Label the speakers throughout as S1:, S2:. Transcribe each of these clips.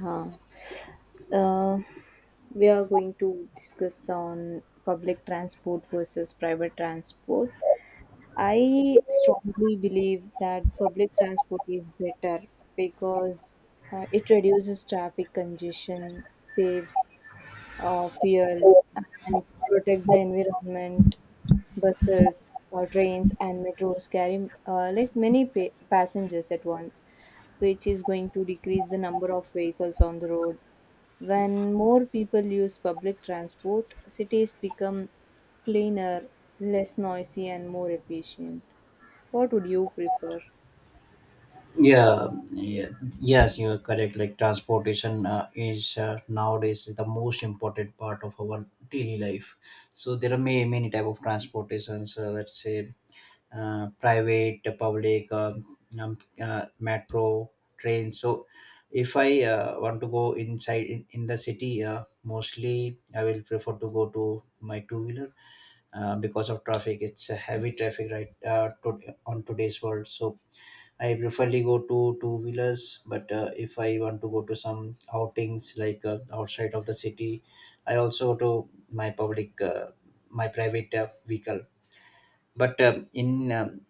S1: Huh. Uh, we are going to discuss on public transport versus private transport. I strongly believe that public transport is better because it reduces traffic congestion, saves fuel, and protect the environment. Buses, trains, and metros carry like many passengers at once, which is going to decrease the number of vehicles on the road. When more people use public transport, cities become cleaner, less noisy, and more efficient. What would you prefer?
S2: Yeah, yeah, yes you are correct. Like, transportation is nowadays is the most important part of our daily life. So there are many type of transportations, let's say private, public, metro, train. So if I want to go inside in the city, mostly I will prefer to go to my two wheeler, because of traffic. It's a heavy traffic, right, on today's world. So I preferably go to two wheelers, but if I want to go to some outings like outside of the city, I also go to my my private vehicle. But in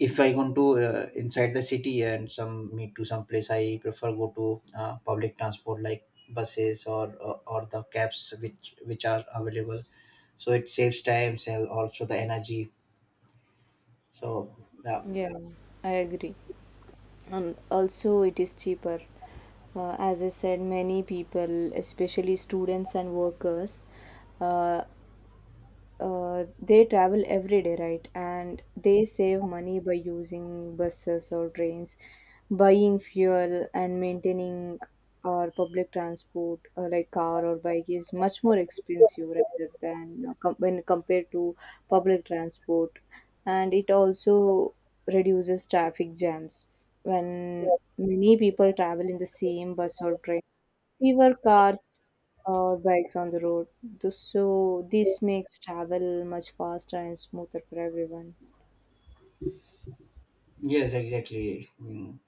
S2: if I want to inside the city and some meet to some place, I prefer go to public transport like buses or the cabs which are available. So it saves time and also the energy. So yeah,
S1: Yeah, I agree. And also, it is cheaper. As I said, many people, especially students and workers, uh, they travel every day, right? And they save money by using buses or trains. Buying fuel, and maintaining our public transport, like car or bike, is much more expensive rather than when compared to public transport. And it also reduces traffic jams when many people travel in the same bus or train, fewer cars or bikes on the road. So this makes travel much faster and smoother for everyone.
S2: yes, exactly. Mm.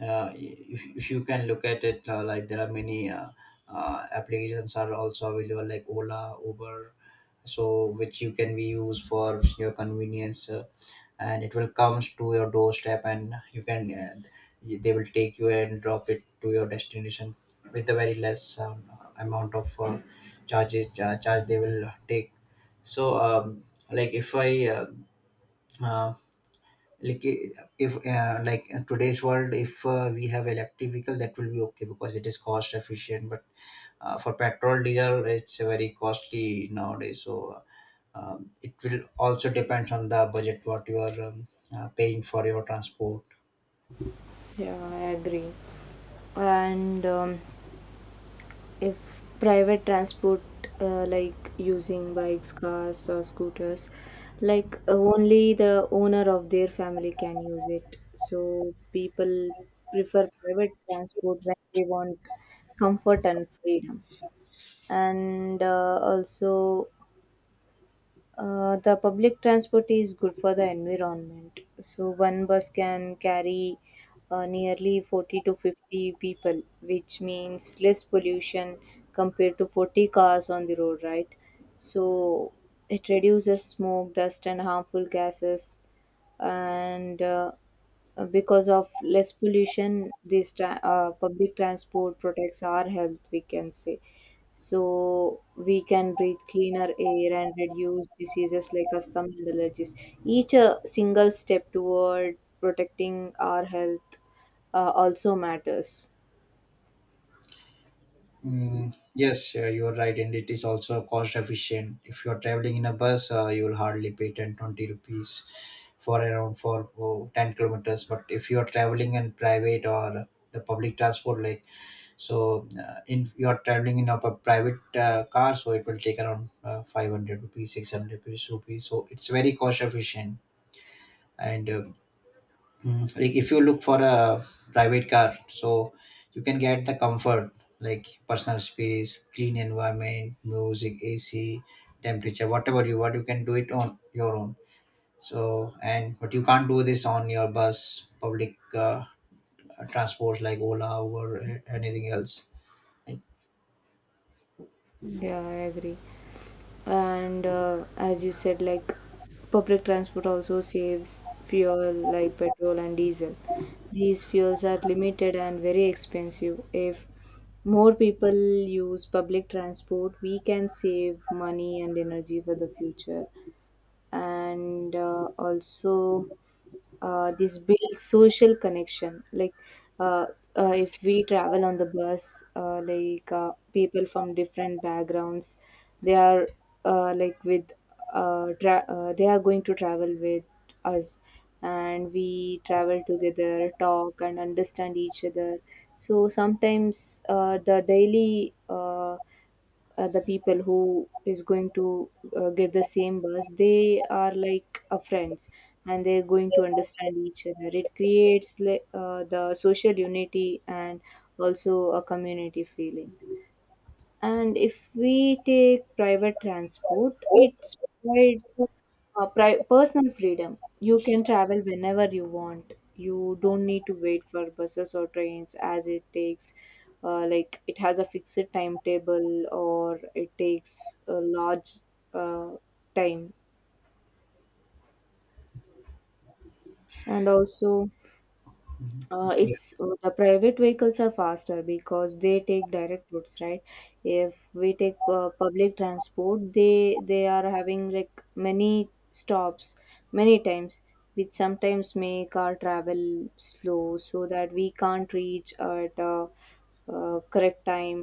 S2: If you can look at it, like there are many applications are also available like Ola, Uber, so which you can be used for your convenience, and it will comes to your doorstep and you can they will take you and drop it to your destination with a very less amount of charge they will take. So like if I uh, like I- if like in today's world, if we have electric vehicle, that will be okay because it is cost efficient. But for petrol diesel it's very costly nowadays. So it will also depends on the budget what you are paying for your transport.
S1: Yeah, I agree. And if private transport, like using bikes, cars, or scooters, like only the owner of their family can use it. So people prefer private transport when they want comfort and freedom. And also, the public transport is good for the environment. So one bus can carry nearly 40 to 50 people, which means less pollution compared to 40 cars on the road, right? So it reduces smoke, dust, and harmful gases. And because of less pollution, this public transport protects our health, we can say. So we can breathe cleaner air and reduce diseases like asthma and allergies. Each single step toward protecting our health also matters.
S2: Mm, yes, you are right, and it is also cost efficient. If you are traveling in a bus, you will hardly pay 10-20 rupees for around for oh, 10 kilometers. But if you are traveling in private or the public transport, like, so, in you are traveling in a private car, so it will take around 500 rupees, 600 rupees. So it's very cost efficient, and Mm, like if you look for a private car, so you can get the comfort, like personal space, clean environment, music, AC temperature, whatever you want, you can do it on your own. So and but you can't do this on your bus public transports like Ola or anything else, right?
S1: Yeah, I agree. And as you said, like public transport also saves fuel like petrol and diesel. These fuels are limited and very expensive. If more people use public transport, we can save money and energy for the future. And also, this builds social connection. Like, uh, if we travel on the bus, like people from different backgrounds, they are, like with, they are going to travel with us, and we travel together, talk and understand each other. So sometimes, the daily, the people who is going to get the same bus, they are like a friends, and they're going to understand each other. It creates like the social unity and also a community feeling. And if we take private transport, it's provide personal freedom. You can travel whenever you want, you don't need to wait for buses or trains, as it takes, like it has a fixed timetable, or it takes a large uh, time. And also, it's the private vehicles are faster because they take direct routes, right? If we take public transport, they are having like many stops, many times, which sometimes make our travel slow, so that we can't reach at a correct time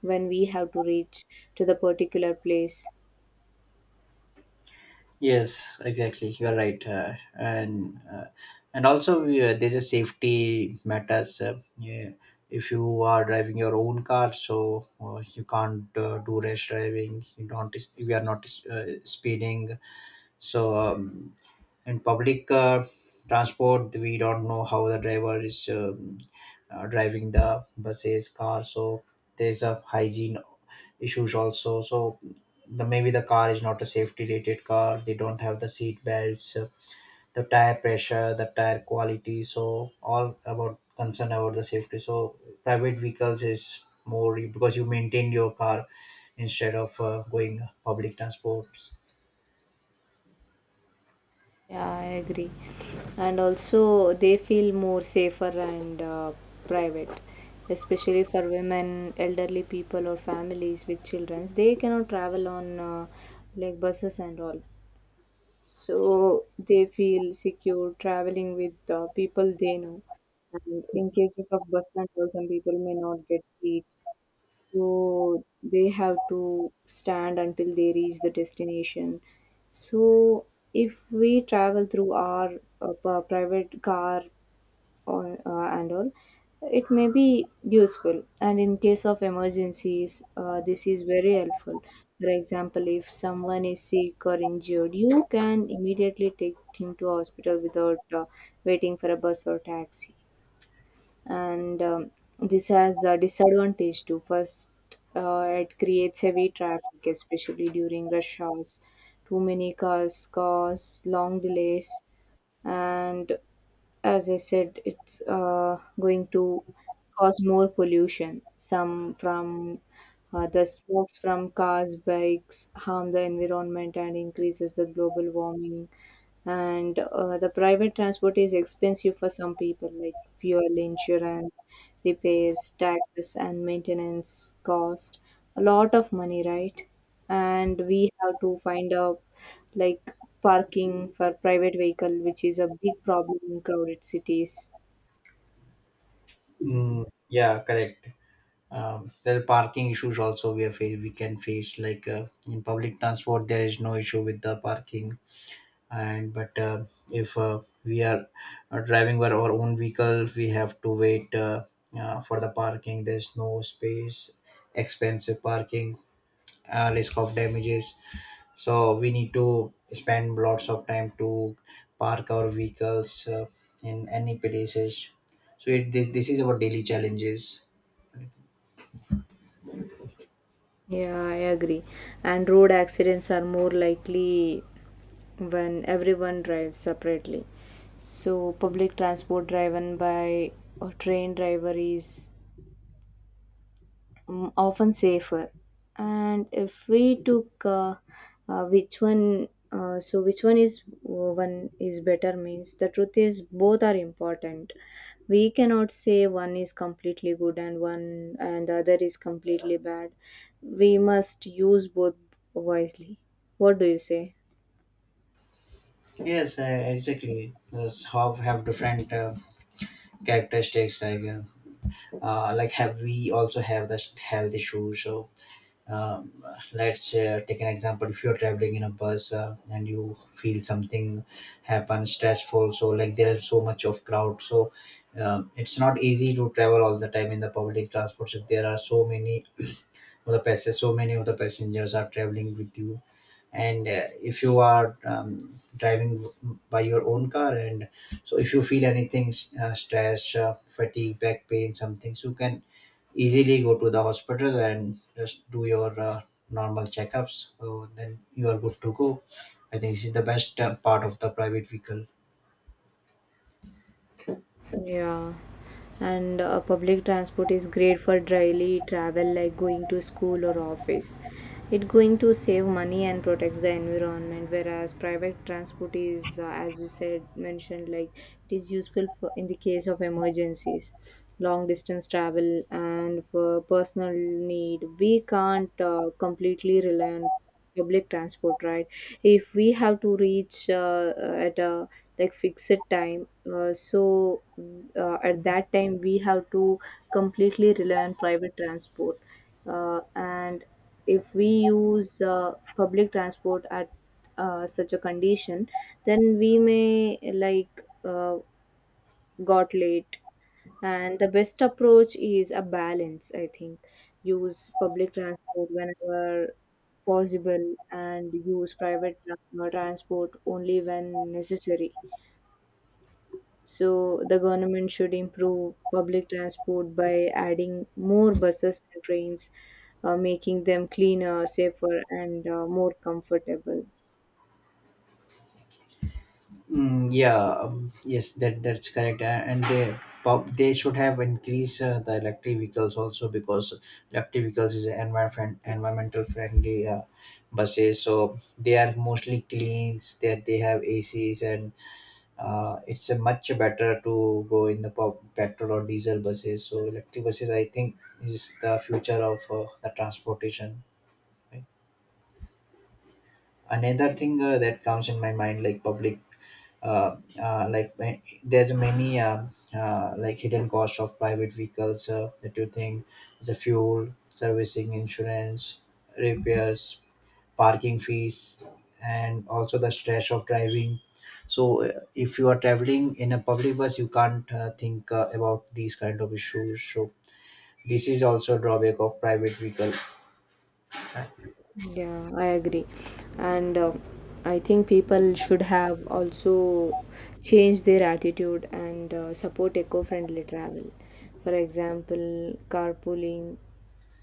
S1: when we have to reach to the particular place.
S2: Yes, exactly. You are right, and also there's a safety matters. Yeah, if you are driving your own car, so you can't do rash driving. You don't. We are not speeding. So and public transport, we don't know how the driver is driving the buses car. So there's a hygiene issues also. So the maybe the car is not a safety rated car, they don't have the seat belts, the tire pressure, the tire quality. So all about concern about the safety. So private vehicles is more because you maintain your car instead of going public transport.
S1: Yeah, I agree. And also, they feel more safer and private, especially for women, elderly people, or families with children. They cannot travel on like buses and all. So, they feel secure traveling with people they know. And in cases of bus and all, some people may not get seats, so they have to stand until they reach the destination. So if we travel through our private car, or and all, it may be useful. And in case of emergencies, this is very helpful. For example, if someone is sick or injured, you can immediately take him to hospital without waiting for a bus or taxi. And this has a disadvantage too. First, it creates heavy traffic, especially during rush hours. Too many cars cause long delays, and as I said, it's going to cause more pollution. Some from the smokes from cars, bikes harm the environment and increases the global warming. And the private transport is expensive for some people, like fuel, insurance, repairs, taxes, and maintenance cost a lot of money, right? And we have to find out, like, parking for private vehicle, which is a big problem in crowded cities.
S2: Mm, yeah, correct. There are parking issues also we are we can face, like, in public transport there is no issue with the parking. And but if we are driving by our own vehicle, we have to wait for the parking. There's no space, expensive parking, risk of damages. So we need to spend lots of time to park our vehicles in any places. So this is our daily challenges.
S1: Yeah, I agree. And road accidents are more likely when everyone drives separately. So, public transport driven by a train driver is, mm, often safer. And if we took, which one, so which one is, one is better means the truth is both are important. We cannot say one is completely good and one, and the other is completely bad. We must use both wisely. What do you say?
S2: Yes, exactly. Those hob have different characteristics. Like have we also have the health issue. So, um, let's take an example. If you're traveling in a bus and you feel something happen stressful, so like there's so much of crowd. So it's not easy to travel all the time in the public transports. If there are so many of the passengers are traveling with you. And if you are driving by your own car and so if you feel anything stress fatigue, back pain, something, so you can easily go to the hospital and just do your normal checkups, so then you are good to go. I think this is the best part of the private vehicle.
S1: Yeah, and public transport is great for daily travel like going to school or office. It going to save money and protects the environment, whereas private transport is, as you said, mentioned, like it is useful for in the case of emergencies, long distance travel, and for personal need. We can't completely rely on public transport, right? If we have to reach, at a like fixed time, uh, so at that time we have to completely rely on private transport. And if we use public transport at such a condition, then we may like got late. And the best approach is a balance, I think. Use public transport whenever possible, and use private transport only when necessary. So, the government should improve public transport by adding more buses and trains, making them cleaner, safer, and more comfortable.
S2: Mm, yeah, yes, that's correct. And they they should have increased the electric vehicles also, because electric vehicles is environmental friendly buses, so they are mostly clean. That they have ACs and it's much better to go in the petrol or diesel buses. So electric buses, I think, is the future of the transportation. Right? Another thing that comes in my mind, like public uh, there's many like hidden cost of private vehicles that you think: the fuel, servicing, insurance, repairs, parking fees, and also the stress of driving. So if you are traveling in a public bus, you can't think about these kind of issues. So this is also a drawback of private vehicle.
S1: Yeah, I agree. And I think people should have also changed their attitude and support eco friendly travel. For example, carpooling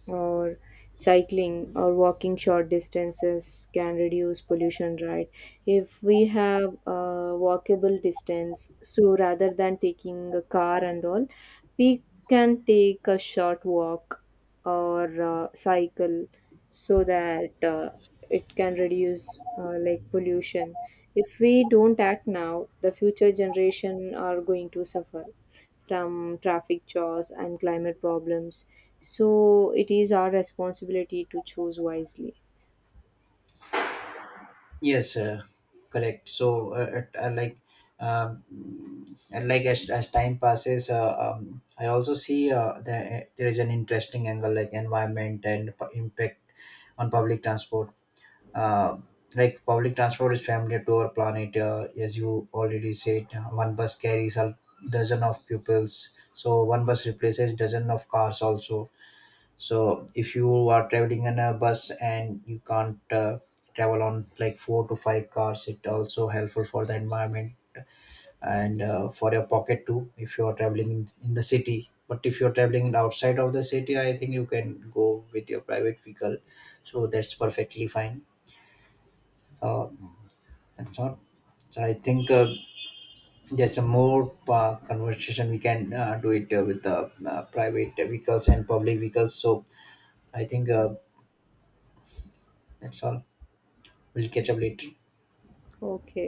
S1: or cycling or walking short distances can reduce pollution, right? If we have a walkable distance, so rather than taking a car and all, we can take a short walk or cycle, so that it can reduce like pollution. If we don't act now, the future generation are going to suffer from traffic jaws and climate problems. So it is our responsibility to choose wisely.
S2: Yes, correct. Um, and like as time passes, I also see that there is an interesting angle, like environment and impact on public transport. Uh, like public transport is familiar to our planet, as you already said. One bus carries a dozen of pupils, so one bus replaces dozen of cars also. So if you are traveling in a bus, and you can't travel on like four to five cars, it also helpful for the environment and for your pocket too. If you are traveling in the city, but if you are traveling outside of the city, I think you can go with your private vehicle. So that's perfectly fine. So that's all. So I think there's a more conversation we can do it with the private vehicles and public vehicles. So I think that's all. We'll catch up later.
S1: Okay.